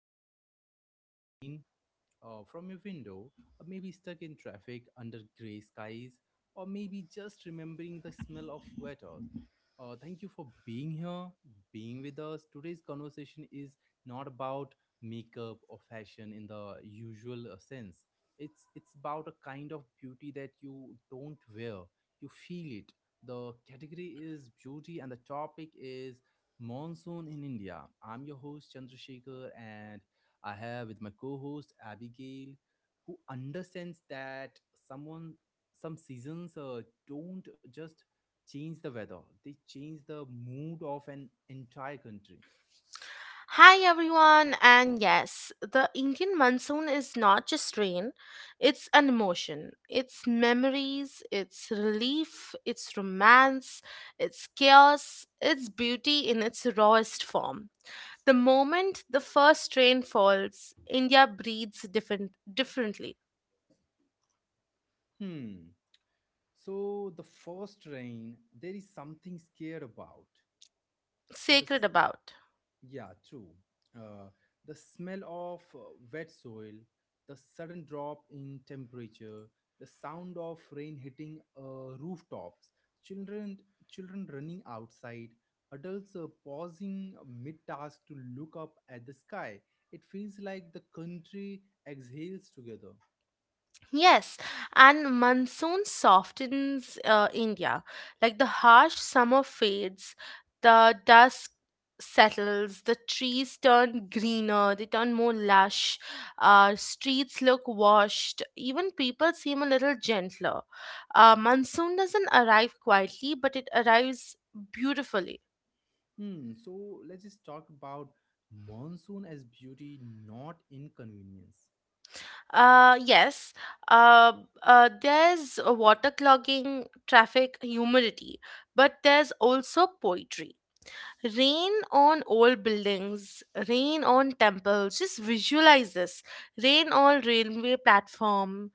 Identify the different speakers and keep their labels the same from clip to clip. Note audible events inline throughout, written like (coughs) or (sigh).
Speaker 1: uh, maybe watching rain, from your window, or maybe stuck in traffic under gray skies, or maybe just remembering the smell of wet earth. Thank you for being here, being with us. Today's conversation is not about makeup or fashion in the usual sense. It's about a kind of beauty that you don't wear. You feel it. The category is beauty, and the topic is monsoon in India. I'm your host Chandrasekhar, and I have with my co-host Abigail, who understands that someone some seasons don't just change the weather; they change the mood of an entire country.
Speaker 2: Hi everyone, and yes, the Indian monsoon is not just rain, it's an emotion. It's memories, it's relief, it's romance, it's chaos, it's beauty in its rawest form. The moment the first rain falls, India breathes differently,
Speaker 1: Hmm. So the first rain, there is something scared about. The
Speaker 2: sacred about.
Speaker 1: Yeah, true. Uh, the smell of wet soil, the sudden drop in temperature, the sound of rain hitting rooftops, children children running outside, adults pausing mid task to look up at the sky. It feels like the country exhales together.
Speaker 2: Yes, and monsoon softens India. Like the harsh summer fades, the dusk settles, the trees turn greener, they turn more lush, streets look washed, even people seem a little gentler. Monsoon doesn't arrive quietly, but it arrives beautifully.
Speaker 1: Hmm. So let's just talk about monsoon as beauty, not inconvenience.
Speaker 2: Yes, uh, there's water clogging, traffic, humidity, but there's also poetry. Rain on old buildings, rain on temples. Just visualize this. Rain on railway platform,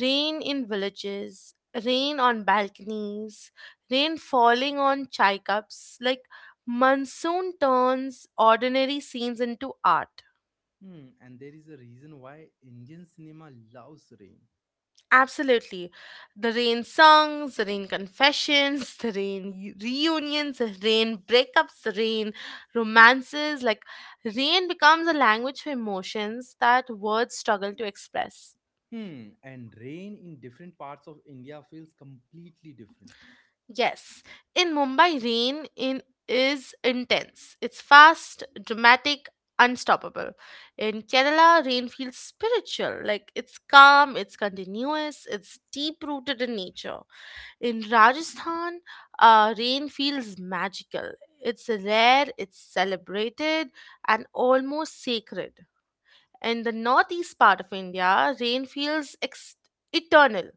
Speaker 2: rain in villages, rain on balconies, rain falling on chai cups. Like monsoon turns ordinary scenes into art.
Speaker 1: Hmm, and there is a reason why Indian cinema loves rain.
Speaker 2: Absolutely. The rain songs, the rain confessions, (laughs) the reunions, the rain breakups, the rain romances. Like, rain becomes a language for emotions that words struggle to express.
Speaker 1: Hmm, and rain in different parts of India feels completely different.
Speaker 2: Yes, in Mumbai, rain in is intense. It's fast, dramatic, unstoppable. In Kerala, rain feels spiritual. Like it's calm, it's continuous, it's deep rooted in nature. In Rajasthan, rain feels magical. It's rare, it's celebrated, and almost sacred. In the northeast part of India, rain feels eternal.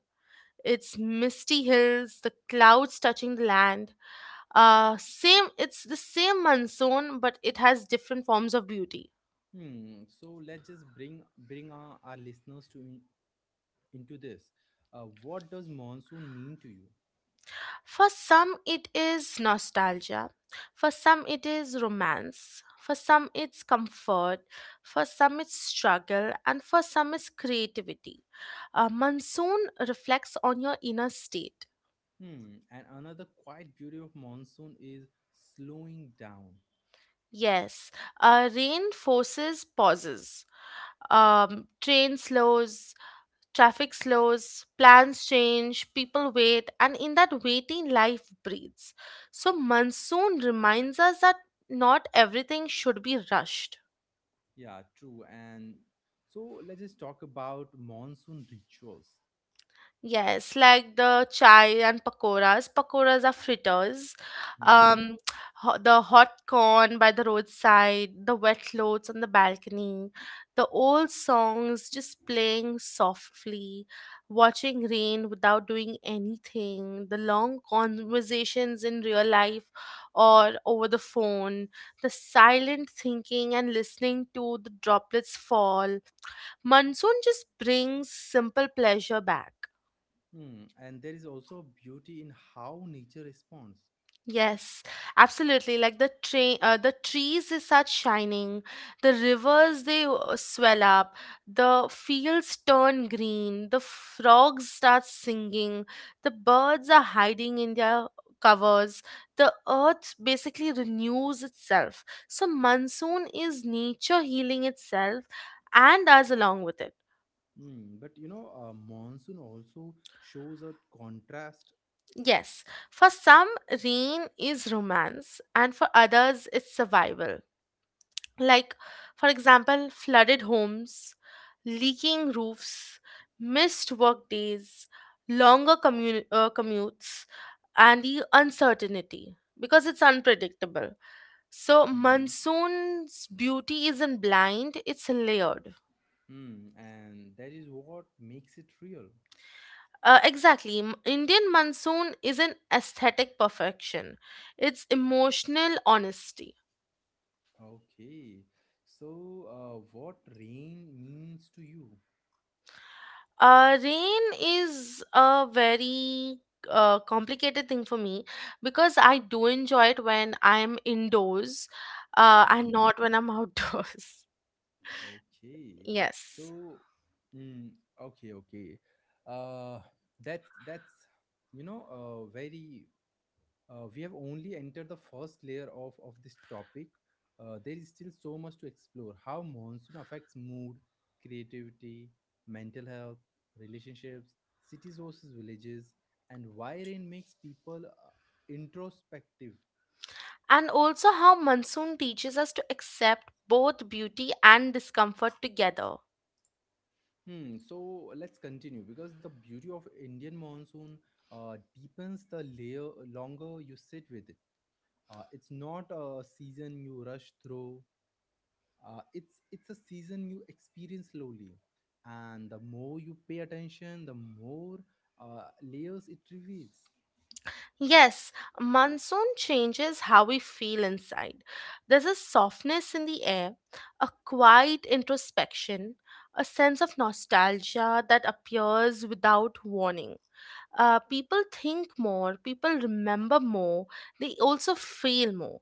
Speaker 2: Its misty hills, the clouds touching the land. Same, it's the same monsoon, but it has different forms of beauty.
Speaker 1: Hmm, so let's just bring our listeners into this. What does monsoon mean to you?
Speaker 2: For some, it is nostalgia. For some, it is romance. For some, it's comfort. For some, it's struggle. And for some, it's creativity. Monsoon reflects on your inner state.
Speaker 1: Hmm, and another quiet beauty of monsoon is slowing down.
Speaker 2: Yes, rain forces pauses. Train slows, traffic slows, plans change, people wait, and in that waiting, life breathes. So, monsoon reminds us that not everything should be rushed.
Speaker 1: Yeah, true. And so let's just talk about monsoon rituals.
Speaker 2: Yes, like the chai and pakoras. Pakoras are fritters.
Speaker 1: Hmm
Speaker 2: Um, the hot corn by the roadside, the wet clothes on the balcony, the old songs just playing softly, watching rain without doing anything, the long conversations in real life or over the phone, the silent thinking and listening to the droplets fall. Monsoon just brings simple pleasure back.
Speaker 1: Hmm. And there is also beauty in how nature responds.
Speaker 2: Yes, absolutely. Like the train, the trees is such shining. The rivers they swell up. The fields turn green. The frogs start singing. The birds are hiding in their covers. The earth basically renews itself. So monsoon is nature healing itself and us along with it.
Speaker 1: Hmm. But you know, monsoon also shows a contrast.
Speaker 2: Yes, for some, rain is romance, and for others, it's survival. Like, for example, flooded homes, leaking roofs, missed work days, longer commutes, and the uncertainty because it's unpredictable. So
Speaker 1: Hmm.
Speaker 2: monsoon's beauty isn't blind, it's layered.
Speaker 1: Mm, and that is what makes it real.
Speaker 2: Exactly. Indian monsoon is an aesthetic perfection, it's emotional honesty.
Speaker 1: Okay. So, what rain means to you?
Speaker 2: Rain is a very complicated thing for me, because I do enjoy it when I'm indoors and
Speaker 1: Hmm.
Speaker 2: not when I'm outdoors. (laughs)
Speaker 1: Okay.
Speaker 2: Yes.
Speaker 1: So, mm, okay, okay. Uh, that's you know, very we have only entered the first layer of this topic. There is still so much to explore how monsoon affects mood, creativity, mental health, relationships, cities versus villages, and why rain makes people introspective.
Speaker 2: And also, how monsoon teaches us to accept both beauty and discomfort together.
Speaker 1: Hmm, so let's continue because the beauty of Indian monsoon deepens the layer longer you sit with it. It's not a season you rush through, it's a season you experience slowly, and the more you pay attention the more layers it reveals.
Speaker 2: Yes, monsoon changes how we feel inside. There's a softness in the air, a quiet introspection, a sense of nostalgia that appears without warning. People think more, people remember more, they also feel more.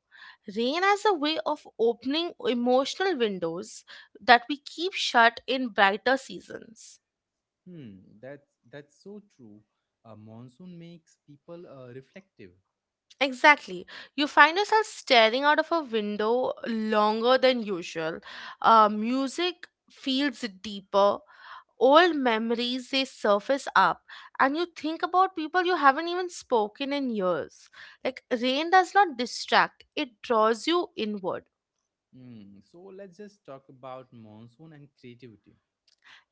Speaker 2: Rain has a way of opening emotional windows that we keep shut in brighter seasons.
Speaker 1: Hmm, that's so true. Monsoon makes people reflective.
Speaker 2: Exactly. You find yourself staring out of a window longer than usual. Music feels deeper. Old memories they surface up, and you think about people you haven't even spoken in years. Like, rain does not distract; it draws you inward.
Speaker 1: Hmm. So let's just talk about monsoon and creativity.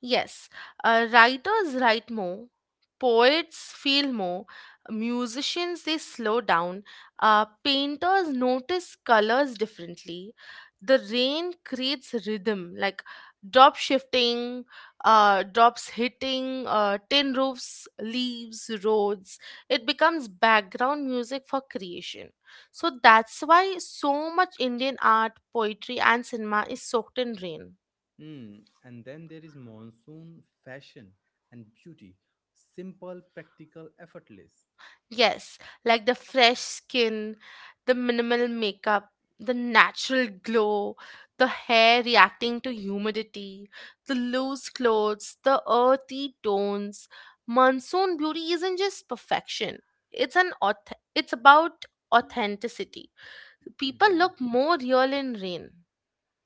Speaker 2: Yes, writers write more, poets feel more, musicians they slow down, painters notice colors differently. The rain creates rhythm, like drop shifting, drops hitting, tin roofs, leaves, roads. It becomes background music for creation. So that's why so much Indian art, poetry, and cinema is soaked in rain.
Speaker 1: Hmm. And then there is monsoon fashion and beauty, simple, practical, effortless.
Speaker 2: Yes, like the fresh skin, the minimal makeup, the natural glow, the hair reacting to humidity, the loose clothes, the earthy tones. Monsoon beauty isn't just perfection. It's it's about authenticity. People
Speaker 1: Mhm.
Speaker 2: look more real in rain.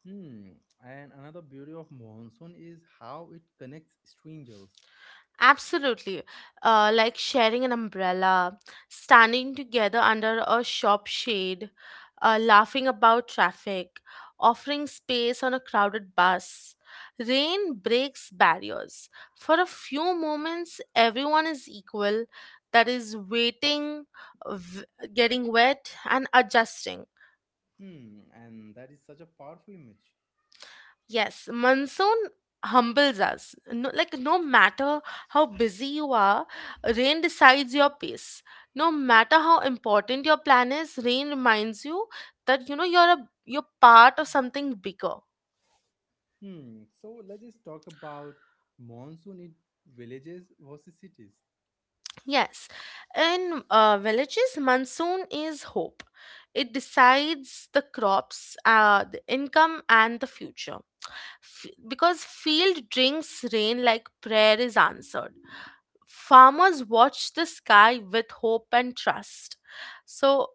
Speaker 1: Hmm. And another beauty of monsoon is how it connects strangers.
Speaker 2: Absolutely. Like sharing an umbrella, standing together under a shop shade, laughing about traffic, offering space on a crowded bus. Rain breaks barriers. For a few moments, everyone is equal, that is, waiting, v- getting wet, and adjusting.
Speaker 1: Hmm, and that is such a powerful image.
Speaker 2: Yes, monsoon humbles us. No, like, no matter how busy you are, rain decides your pace. No matter how important your plan is, rain reminds you that you know you're a you're part of something bigger.
Speaker 1: Hmm, so let's just talk about monsoon in villages versus cities.
Speaker 2: Yes, in villages, monsoon is hope. It decides the crops, the income, and the future. Because field drinks rain like prayer is answered, farmers watch the sky with hope and trust. So,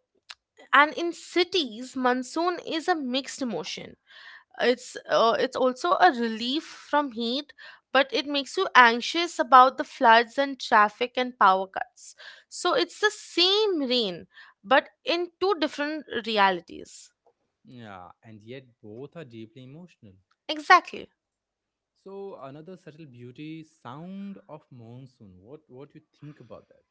Speaker 2: and in cities, monsoon is a mixed emotion. It's it's also a relief from heat, but it makes you anxious about the floods and traffic and power cuts. So it's the same rain, but in two different realities.
Speaker 1: Yeah, and yet both are deeply emotional.
Speaker 2: Exactly.
Speaker 1: So another subtle beauty, sound of monsoon. What you think about that?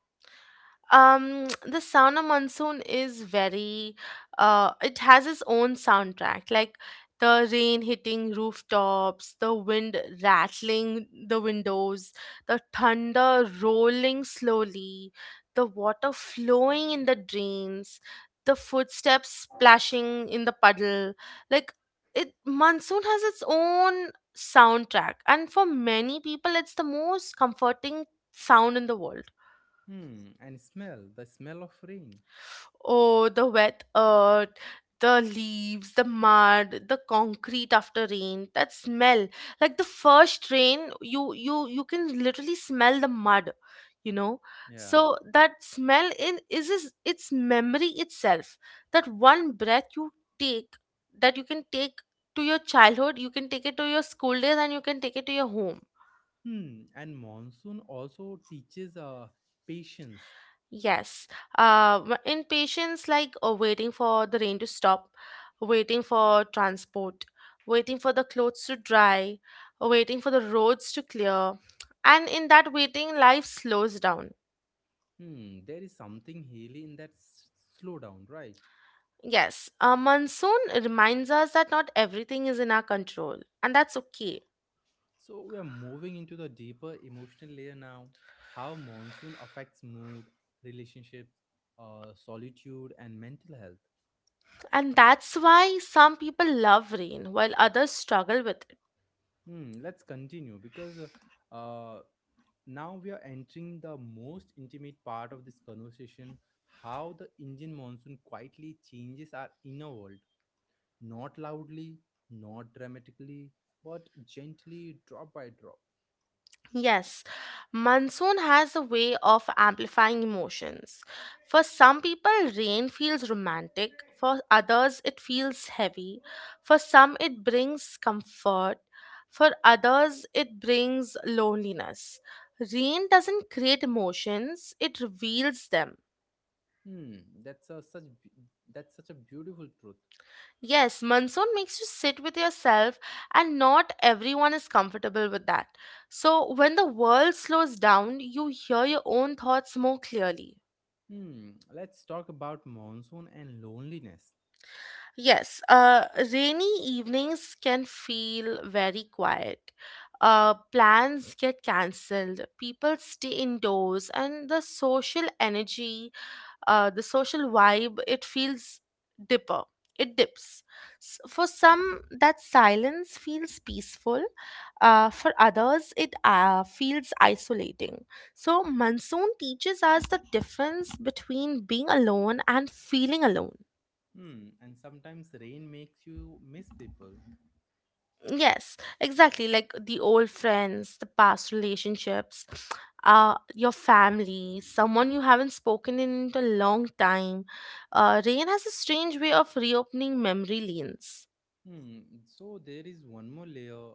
Speaker 2: The Sound of Monsoon is very, it has its own soundtrack, like the rain hitting rooftops, the wind rattling the windows, the thunder rolling slowly, the water flowing in the drains, the footsteps splashing in the puddle. Like it, monsoon has its own soundtrack, and for many people, it's the most comforting sound in the world.
Speaker 1: Hmm, and smell, the smell of rain.
Speaker 2: Oh, the wet earth, the leaves, the mud, the concrete after rain. That smell, like the first rain, you you can literally smell the mud, you know.
Speaker 1: Yeah.
Speaker 2: So that smell in is its memory itself. That one breath you take, that you can take to your childhood, you can take it to your school days, and you can take it to your home.
Speaker 1: Hmm, and monsoon also teaches patience.
Speaker 2: Yes. In patience, like waiting for the rain to stop, waiting for transport, waiting for the clothes to dry, waiting for the roads to clear. And in that waiting, life slows down.
Speaker 1: Hmm, there is something healing in that slowdown, right?
Speaker 2: Yes, a monsoon reminds us that not everything is in our control, and that's okay.
Speaker 1: So we are moving into the deeper emotional layer now. How monsoon affects mood, relationships, solitude, and mental health.
Speaker 2: And that's why some people love rain while others struggle with it.
Speaker 1: Hmm, let's continue because uh, now we are entering the most intimate part of this conversation. How the Indian monsoon quietly changes our inner world, not loudly, not dramatically, but gently, drop by drop.
Speaker 2: Yes, monsoon has a way of amplifying emotions. For some people, rain feels romantic, for others, it feels heavy, for some, it brings comfort, for others, it brings loneliness. Rain doesn't create emotions, it reveals them.
Speaker 1: Hmm, that's a, such be- that's such a beautiful truth.
Speaker 2: Yes, monsoon makes you sit with yourself, and not everyone is comfortable with that. So, when the world slows down, you hear your own thoughts more clearly.
Speaker 1: Hmm, let's talk about monsoon and loneliness.
Speaker 2: Yes, rainy evenings can feel very quiet. Plans get cancelled, people stay indoors, and the social energy, the social vibe, it feels dipper. It dips. For some, that silence feels peaceful. For others, it feels isolating. So, monsoon teaches us the difference between being alone and feeling alone.
Speaker 1: Hmm, and sometimes rain makes you miss people.
Speaker 2: Yes, exactly. Like the old friends, the past relationships, your family, someone you haven't spoken in a long time. Rain has a strange way of reopening memory lanes.
Speaker 1: Hmm, so there is one more layer,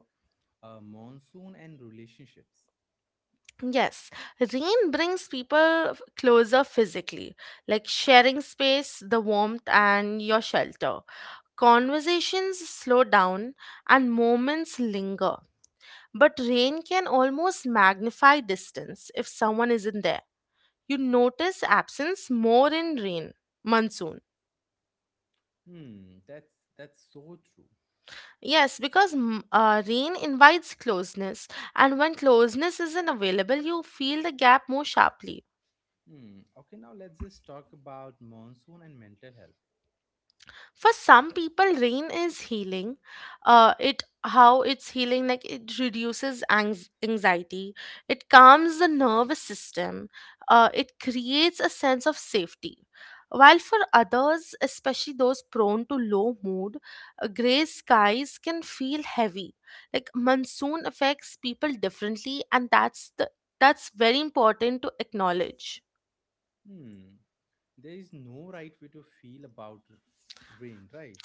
Speaker 1: monsoon and relationships.
Speaker 2: Yes, rain brings people closer physically, like sharing space, the warmth, and your shelter. Conversations slow down and moments linger. But rain can almost magnify distance if someone isn't there. You notice absence more in rain, monsoon.
Speaker 1: Hmm, that's so true.
Speaker 2: Yes, because rain invites closeness, and when closeness isn't available, you feel the gap more sharply.
Speaker 1: Hmm, okay, now let's just talk about monsoon and mental health.
Speaker 2: For some people, rain is healing. It, how it's healing? Like, it reduces anxiety, it calms the nervous system, it creates a sense of safety, while for others, especially those prone to low mood, gray skies can feel heavy. Like, monsoon affects people differently, and that's the that's very important to acknowledge.
Speaker 1: Hmm, there is no right way to feel about rain, right?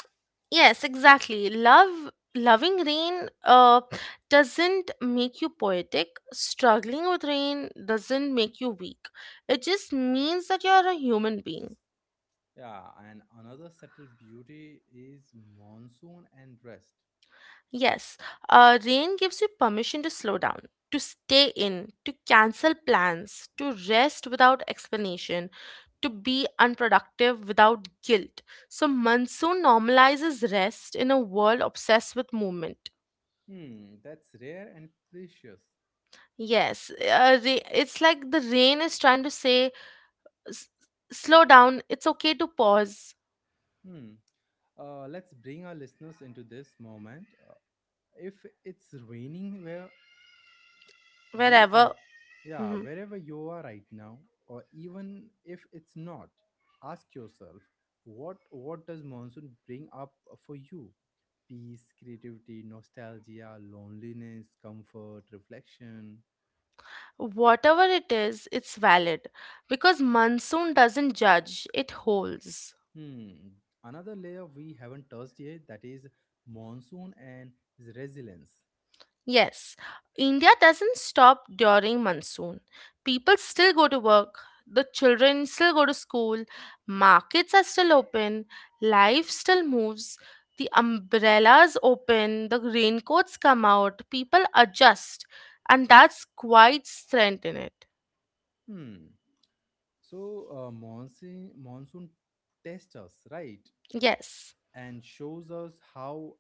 Speaker 2: Yes, exactly. Love, loving rain doesn't make you poetic. Struggling with rain doesn't make you weak. It just means that you are a human being.
Speaker 1: Yeah, and another subtle beauty is monsoon and rest.
Speaker 2: Yes, rain gives you permission to slow down, to stay in, to cancel plans, to rest without explanation, to be unproductive without guilt. So, monsoon normalizes rest in a world obsessed with movement.
Speaker 1: Hmm, that's rare and precious.
Speaker 2: Yes, it's like the rain is trying to say, "S- "slow down, it's okay to pause
Speaker 1: Hmm. Let's bring our listeners into this moment. If it's raining where you are,
Speaker 2: wherever."
Speaker 1: yeah,
Speaker 2: Mhm.
Speaker 1: wherever you are right now, or even if it's not, ask yourself, what does monsoon bring up for you? Peace, creativity, nostalgia, loneliness, comfort, reflection.
Speaker 2: Whatever it is, it's valid because monsoon doesn't judge, it holds.
Speaker 1: Hmm. Another layer we haven't touched yet, that is monsoon and resilience.
Speaker 2: Yes, India doesn't stop during monsoon. People still go to work, the children still go to school, markets are still open, life still moves, the umbrellas open, the raincoats come out, people adjust, and that's quite strength in it.
Speaker 1: Hmm. So monsoon tests us, right,
Speaker 2: Yes,
Speaker 1: and shows us how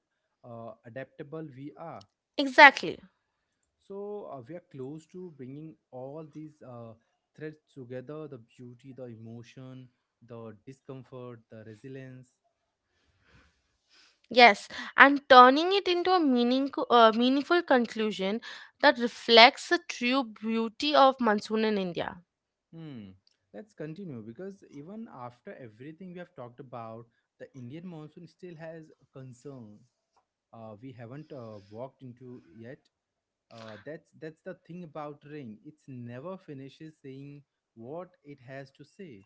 Speaker 1: adaptable we are.
Speaker 2: exactly.
Speaker 1: So we are close to bringing all these threads together: the beauty, the emotion, the discomfort, the resilience.
Speaker 2: Yes, and turning it into a meaningful conclusion that reflects the true beauty of monsoon in India.
Speaker 1: Hmm. Let's continue because even after everything we have talked about, the Indian monsoon still has a concern. We haven't walked into yet. That's the thing about rain. It's never finishes saying what it has to say.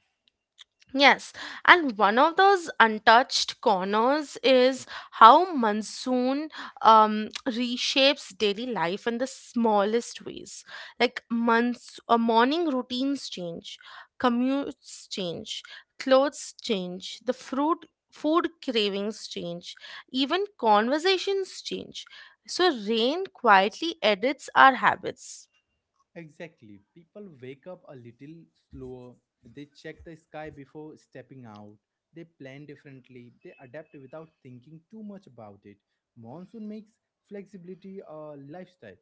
Speaker 2: Yes, and one of those untouched corners is how monsoon reshapes daily life in the smallest ways. Like months, morning routines change, commutes change, clothes change, the fruit food cravings change, even conversations change. So rain quietly edits our habits.
Speaker 1: Exactly. People wake up a little slower. They check the sky before stepping out. They plan differently. They adapt without thinking too much about it. Monsoon makes flexibility a lifestyle.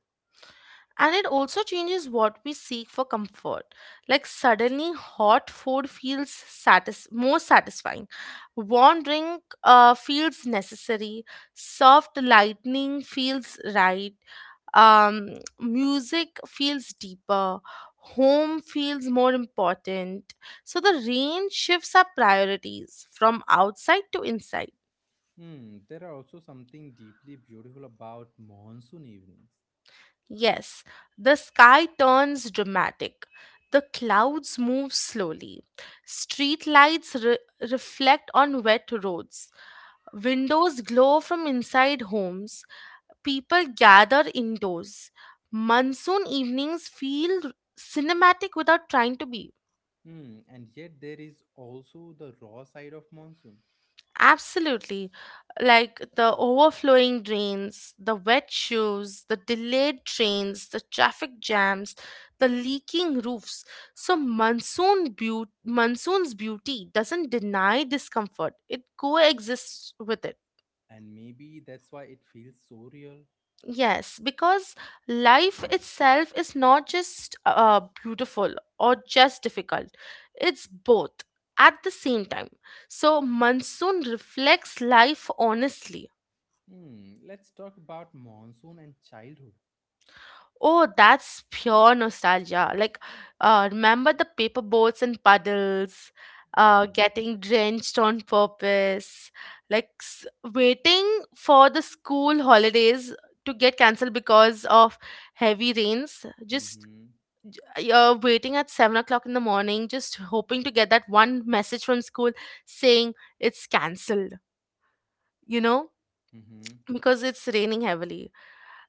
Speaker 2: And it also changes what we seek for comfort. Like suddenly hot food feels more satisfying, warm drink feels necessary, soft lightning feels right, um, music feels deeper, home feels more important. So the range shifts our priorities from outside to inside.
Speaker 1: Hmm, there are also something deeply beautiful about monsoon evenings.
Speaker 2: Yes, the sky turns dramatic. The clouds move slowly. Street lights reflect on wet roads. Windows glow from inside homes. People gather indoors. Monsoon evenings feel cinematic without trying to be.
Speaker 1: Hmm, and yet there is also the raw side of monsoon.
Speaker 2: Absolutely. Like the overflowing drains, the wet shoes, the delayed trains, the traffic jams, the leaking roofs. So monsoon's beauty doesn't deny discomfort. It coexists with it.
Speaker 1: And maybe that's why it feels so real.
Speaker 2: Yes, because life itself is not just beautiful or just difficult. It's both at the same time. So monsoon reflects life honestly.
Speaker 1: Hmm, let's talk about monsoon and childhood.
Speaker 2: Oh, that's pure nostalgia. Like, remember the paper boats and puddles,
Speaker 1: Yeah.
Speaker 2: getting drenched on purpose, like waiting for the school holidays to get cancelled because of heavy rains. Just
Speaker 1: Mm-hmm.
Speaker 2: waiting at 7 o'clock in the morning, just hoping to get that one message from school saying it's cancelled, you know,
Speaker 1: Mm-hmm.
Speaker 2: because it's raining heavily.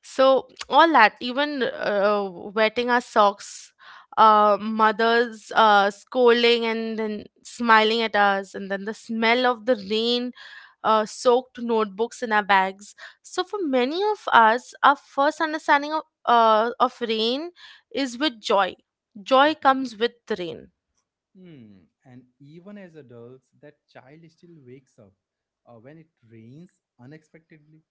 Speaker 2: So all that, even wetting our socks, mothers scolding and then smiling at us, and then the smell of the rain, soaked notebooks in our bags. So for many of us, our first understanding of of rain is with joy. Joy
Speaker 1: Mm-hmm.
Speaker 2: comes with the rain.
Speaker 1: Hmm. And even as adults, that child still wakes up when it rains unexpectedly.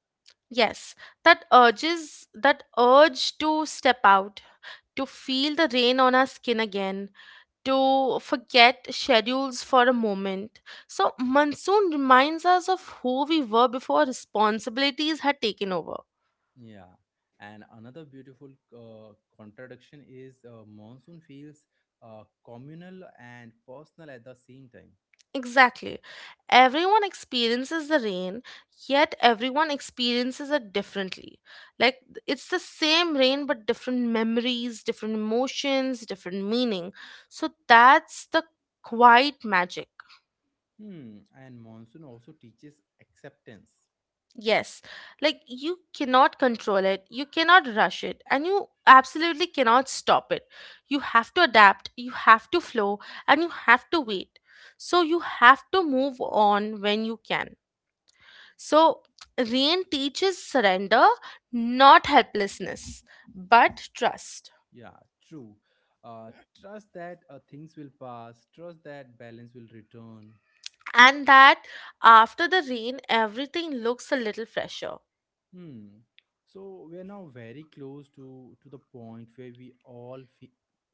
Speaker 2: Yes, that urge to step out, to feel the rain on our skin again, to forget schedules for a moment. So, monsoon reminds us of who we were before responsibilities had taken over.
Speaker 1: Yeah, and another beautiful contradiction is monsoon feels communal and personal at the same time.
Speaker 2: Exactly. Everyone experiences the rain, yet everyone experiences it differently. Like it's the same rain, but different memories, different emotions, different meaning. So, that's the quiet magic.
Speaker 1: Hmm, and monsoon also teaches acceptance.
Speaker 2: Yes, like you cannot control it, you cannot rush it, and you absolutely cannot stop it. You have to adapt, you have to flow, and you have to wait. So, you have to move on when you can. So, rain teaches surrender, not helplessness, but trust.
Speaker 1: Yeah, true. Uh, trust that things will pass, trust that balance will return.
Speaker 2: And that after the rain, everything looks a little fresher.
Speaker 1: Hmm. So we are now very close to the point where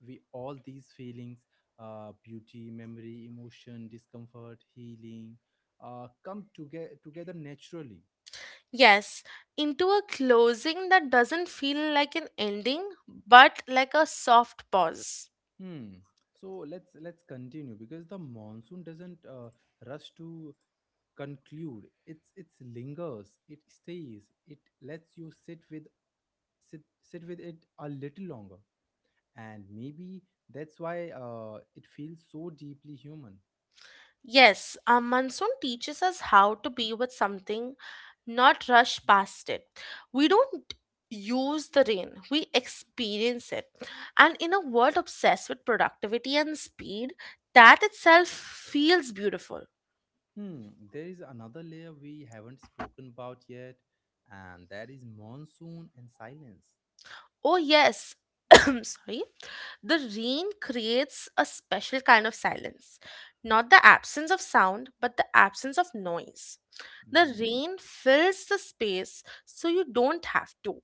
Speaker 1: we all these feelings, beauty, memory, emotion, discomfort, healing, come together naturally.
Speaker 2: Yes, into a closing that doesn't feel like an ending, but like a soft pause.
Speaker 1: Hmm. So let's continue because the monsoon doesn't rush to conclude. It's lingers. It stays. It lets you sit with it a little longer, and maybe that's why it feels so deeply human.
Speaker 2: Yes, a monsoon teaches us how to be with something, not rush past it. We don't use the rain, we experience it. And in a world obsessed with productivity and speed, that itself feels beautiful.
Speaker 1: Hmm, there is another layer we haven't spoken about yet, and that is monsoon and silence.
Speaker 2: Oh, yes. (coughs) (clears throat) Sorry. The rain creates a special kind of silence. Not the absence of sound, but the absence of noise. The
Speaker 1: Hmm.
Speaker 2: rain fills the space so you don't have to.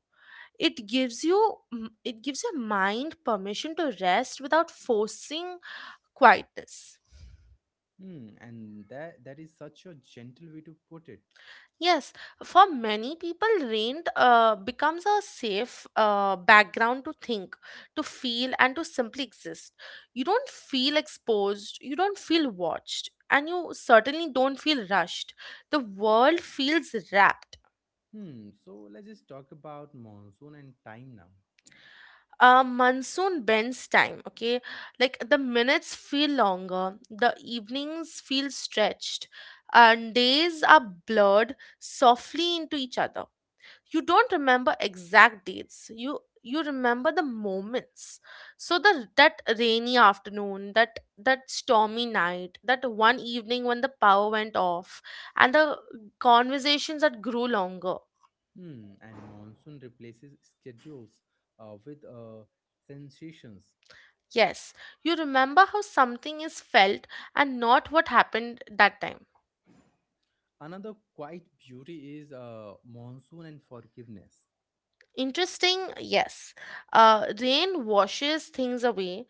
Speaker 2: It gives you it gives your mind permission to rest without forcing quietness.
Speaker 1: Hmm, and that that is such a gentle way to put it.
Speaker 2: Yes, for many people, rain becomes a safe background to think, to feel, and to simply exist. You don't feel exposed, you don't feel watched, and you certainly don't feel rushed. The world feels wrapped.
Speaker 1: Hmm, so let's just talk about monsoon and time now.
Speaker 2: Monsoon bends time, okay? Like the minutes feel longer, the evenings feel stretched, and days are blurred softly into each other. You don't remember exact dates, you remember the moments. So the that rainy afternoon, that stormy night, that one evening when the power went off and the conversations that grew longer.
Speaker 1: Hmm, and monsoon replaces schedules with sensations.
Speaker 2: Yes, you remember how something is felt and not what happened that time.
Speaker 1: Another quite beauty is monsoon and forgiveness.
Speaker 2: Interesting, yes. Rain washes things away,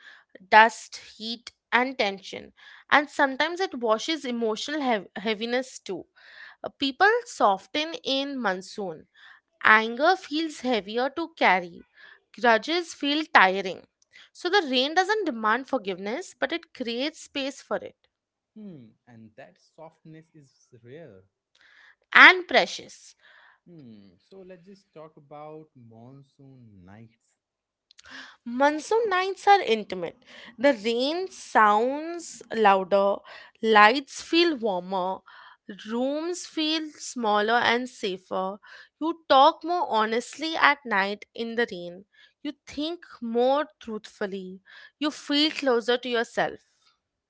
Speaker 2: dust, heat, and tension. And sometimes it washes emotional heaviness too. People soften in monsoon. Anger feels heavier to carry. Grudges feel tiring. So the rain doesn't demand forgiveness, but it creates space for it,
Speaker 1: Hmm, and that softness is rare.
Speaker 2: and precious.
Speaker 1: Hmm, so let's just talk about monsoon nights.
Speaker 2: Monsoon nights are intimate. The rain sounds louder, lights feel warmer, rooms feel smaller and safer. You talk more honestly at night in the rain. You think more truthfully. You feel closer to yourself.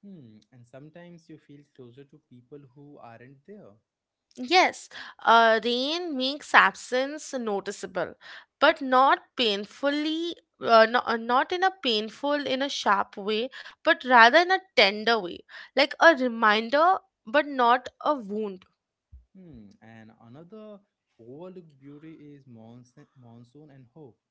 Speaker 1: Hmm, and sometimes you feel closer to people who aren't there.
Speaker 2: Yes, rain makes absence noticeable, but not painfully, no, not in a painful, in a sharp way, but rather in a tender way, like a reminder, but not a wound.
Speaker 1: Hmm, and another overlooked beauty is monsoon and hope.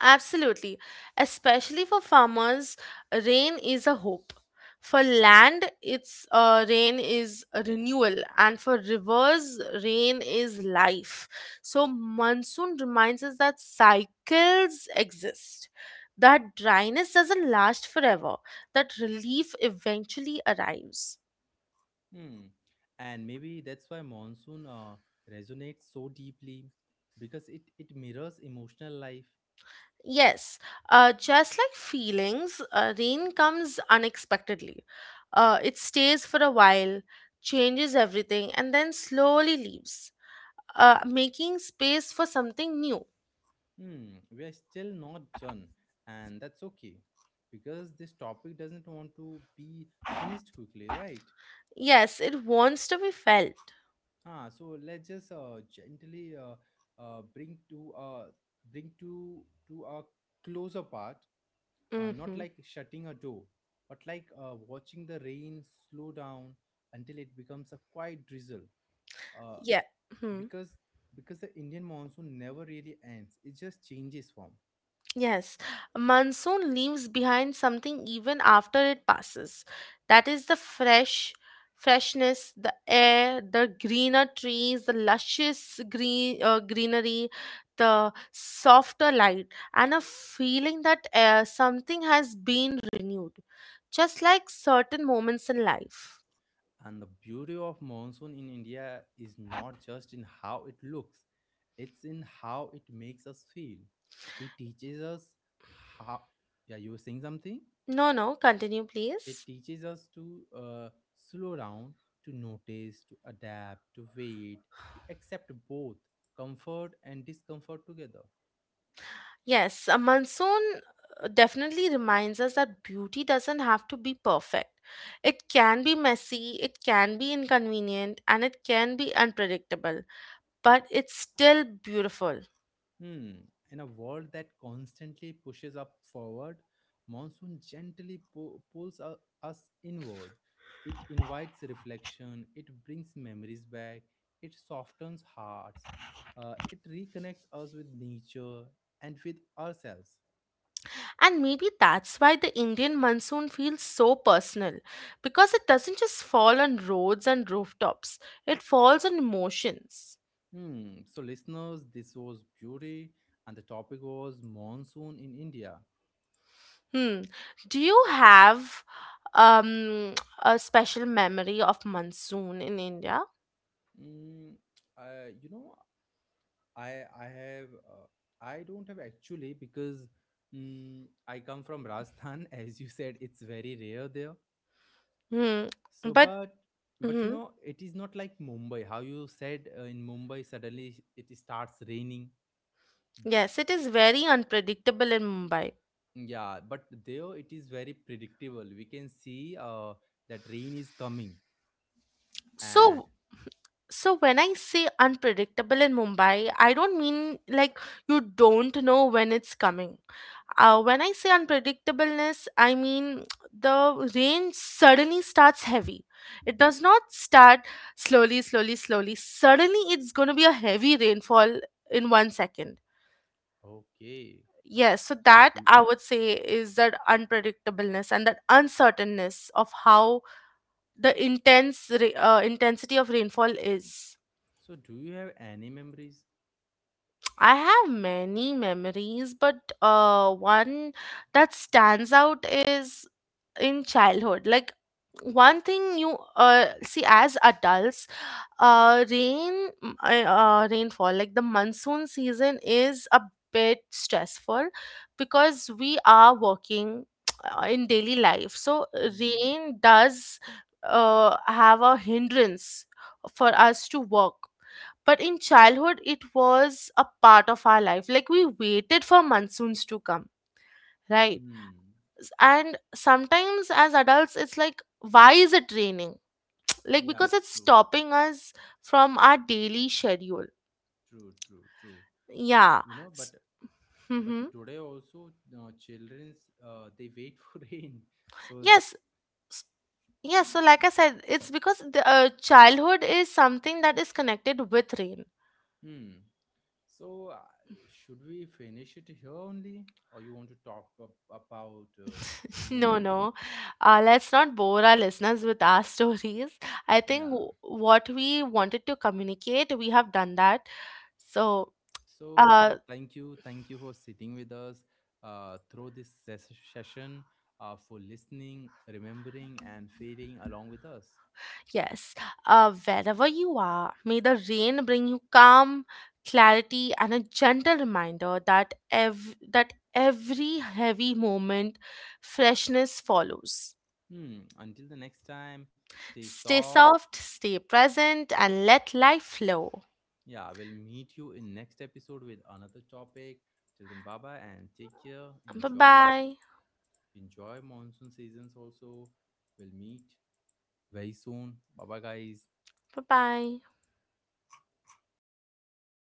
Speaker 2: Absolutely. Especially for farmers, rain is a hope. For land, it's rain is a renewal, and for rivers, rain is life. So monsoon reminds us that cycles exist, that dryness doesn't last forever, that relief eventually arrives.
Speaker 1: Hmm, and maybe that's why monsoon resonates so deeply because it mirrors emotional life.
Speaker 2: Yes, just like feelings, rain comes unexpectedly. It stays for a while, changes everything, and then slowly leaves, making space for something new.
Speaker 1: Hmm, we are still not done, and that's okay because this topic doesn't want to be finished quickly, right?
Speaker 2: Yes, it wants to be felt.
Speaker 1: Ah, so let's just gently bring to bring to a closer part, not
Speaker 2: Mm-hmm.
Speaker 1: like shutting a door, but like watching the rain slow down until it becomes a quiet drizzle. Uh,
Speaker 2: Yeah. Hmm.
Speaker 1: because because the Indian monsoon never really ends; it just changes form.
Speaker 2: Yes, monsoon leaves behind something even after it passes. That is the freshness, the air, the greener trees, the luscious green greenery, the softer light, and a feeling that something has been renewed, just like certain moments in life.
Speaker 1: And the beauty of monsoon in India is not just in how it looks, it's in how it makes us feel. It teaches us how, yeah, you were saying something?
Speaker 2: No, no, continue,
Speaker 1: It
Speaker 2: please.
Speaker 1: teaches us to slow down, to notice, to adapt, to wait, to accept both comfort and discomfort together.
Speaker 2: Yes, a monsoon definitely reminds us that beauty doesn't have to be perfect. It can be messy, it can be inconvenient, and it can be unpredictable, but it's still beautiful.
Speaker 1: Hmm. In a world that constantly pushes up forward, monsoon gently pulls us inward. It invites reflection, it brings memories back, it softens hearts, it reconnects us with nature and with ourselves.
Speaker 2: And maybe that's why the Indian monsoon feels so personal, because it doesn't just fall on roads and rooftops, it falls on emotions.
Speaker 1: Hmm. So, listeners, this was beauty, and the topic was monsoon in India.
Speaker 2: Hmm. Do you have um (tsk) a special memory of monsoon in India?
Speaker 1: Mm, you know, I have I don't have actually because I come from Rajasthan (laughs) as you said it's very rare there.
Speaker 2: Hmm.
Speaker 1: So
Speaker 2: But
Speaker 1: but you
Speaker 2: hmm.
Speaker 1: know it is not like Mumbai how you said, in Mumbai suddenly it starts raining.
Speaker 2: Yes, it is very unpredictable in Mumbai.
Speaker 1: Yeah, but there it is very predictable. We can see that rain is coming, and
Speaker 2: So, so when I say unpredictable in Mumbai, I don't mean like you don't know when it's coming. When I say unpredictableness, I mean the rain suddenly starts heavy. It does not start slowly, slowly, slowly. Suddenly, it's going to be a heavy rainfall in one second.
Speaker 1: okay.
Speaker 2: Yes, so
Speaker 1: So
Speaker 2: that
Speaker 1: do,
Speaker 2: I would say is that unpredictableness and that uncertainness of how the intensity of rainfall is.
Speaker 1: so do you have any memories?
Speaker 2: I have many memories, but one that stands out is in childhood. Like one thing you see as adults, rainfall, like the monsoon season is a bit stressful because we are working (tsk) in daily life. So
Speaker 1: Mm-hmm.
Speaker 2: rain does have a hindrance for us to work, but in childhood it was a part of our life. Like we waited for monsoons to come, right?
Speaker 1: Hmm.
Speaker 2: And sometimes as adults it's like, why is it raining? Like
Speaker 1: Yeah,
Speaker 2: because it's
Speaker 1: true.
Speaker 2: stopping us from our daily schedule.
Speaker 1: True, true, true.
Speaker 2: Yeah.
Speaker 1: You know, but
Speaker 2: Mm-hmm.
Speaker 1: today also children's they wait (laughs) for rain, so.
Speaker 2: Yes. S- yes so like I said, it's because the childhood is something that is connected with rain.
Speaker 1: Hmm. So should we finish it here only, or you want to talk about
Speaker 2: No,
Speaker 1: more?
Speaker 2: no. Let's not bore our listeners with our (laughs) stories. I think
Speaker 1: Yeah,
Speaker 2: what we wanted to communicate, we have done that. So,
Speaker 1: so so
Speaker 2: uh,
Speaker 1: thank you, thank you for sitting with us through this session, for listening, remembering, and feeling along with us.
Speaker 2: yes, wherever you are, may the rain bring you calm, clarity, and a gentle reminder that that every heavy moment, freshness follows.
Speaker 1: Hmm, until the next time, stay
Speaker 2: Stay
Speaker 1: soft.
Speaker 2: soft, stay present, and let life flow.
Speaker 1: Yeah, we'll meet you in next episode with another topic. Till then, bye bye and take care.
Speaker 2: Bye
Speaker 1: Enjoy,
Speaker 2: bye.
Speaker 1: enjoy monsoon seasons. Also, we'll meet very soon. Bye bye, guys.
Speaker 2: Bye bye.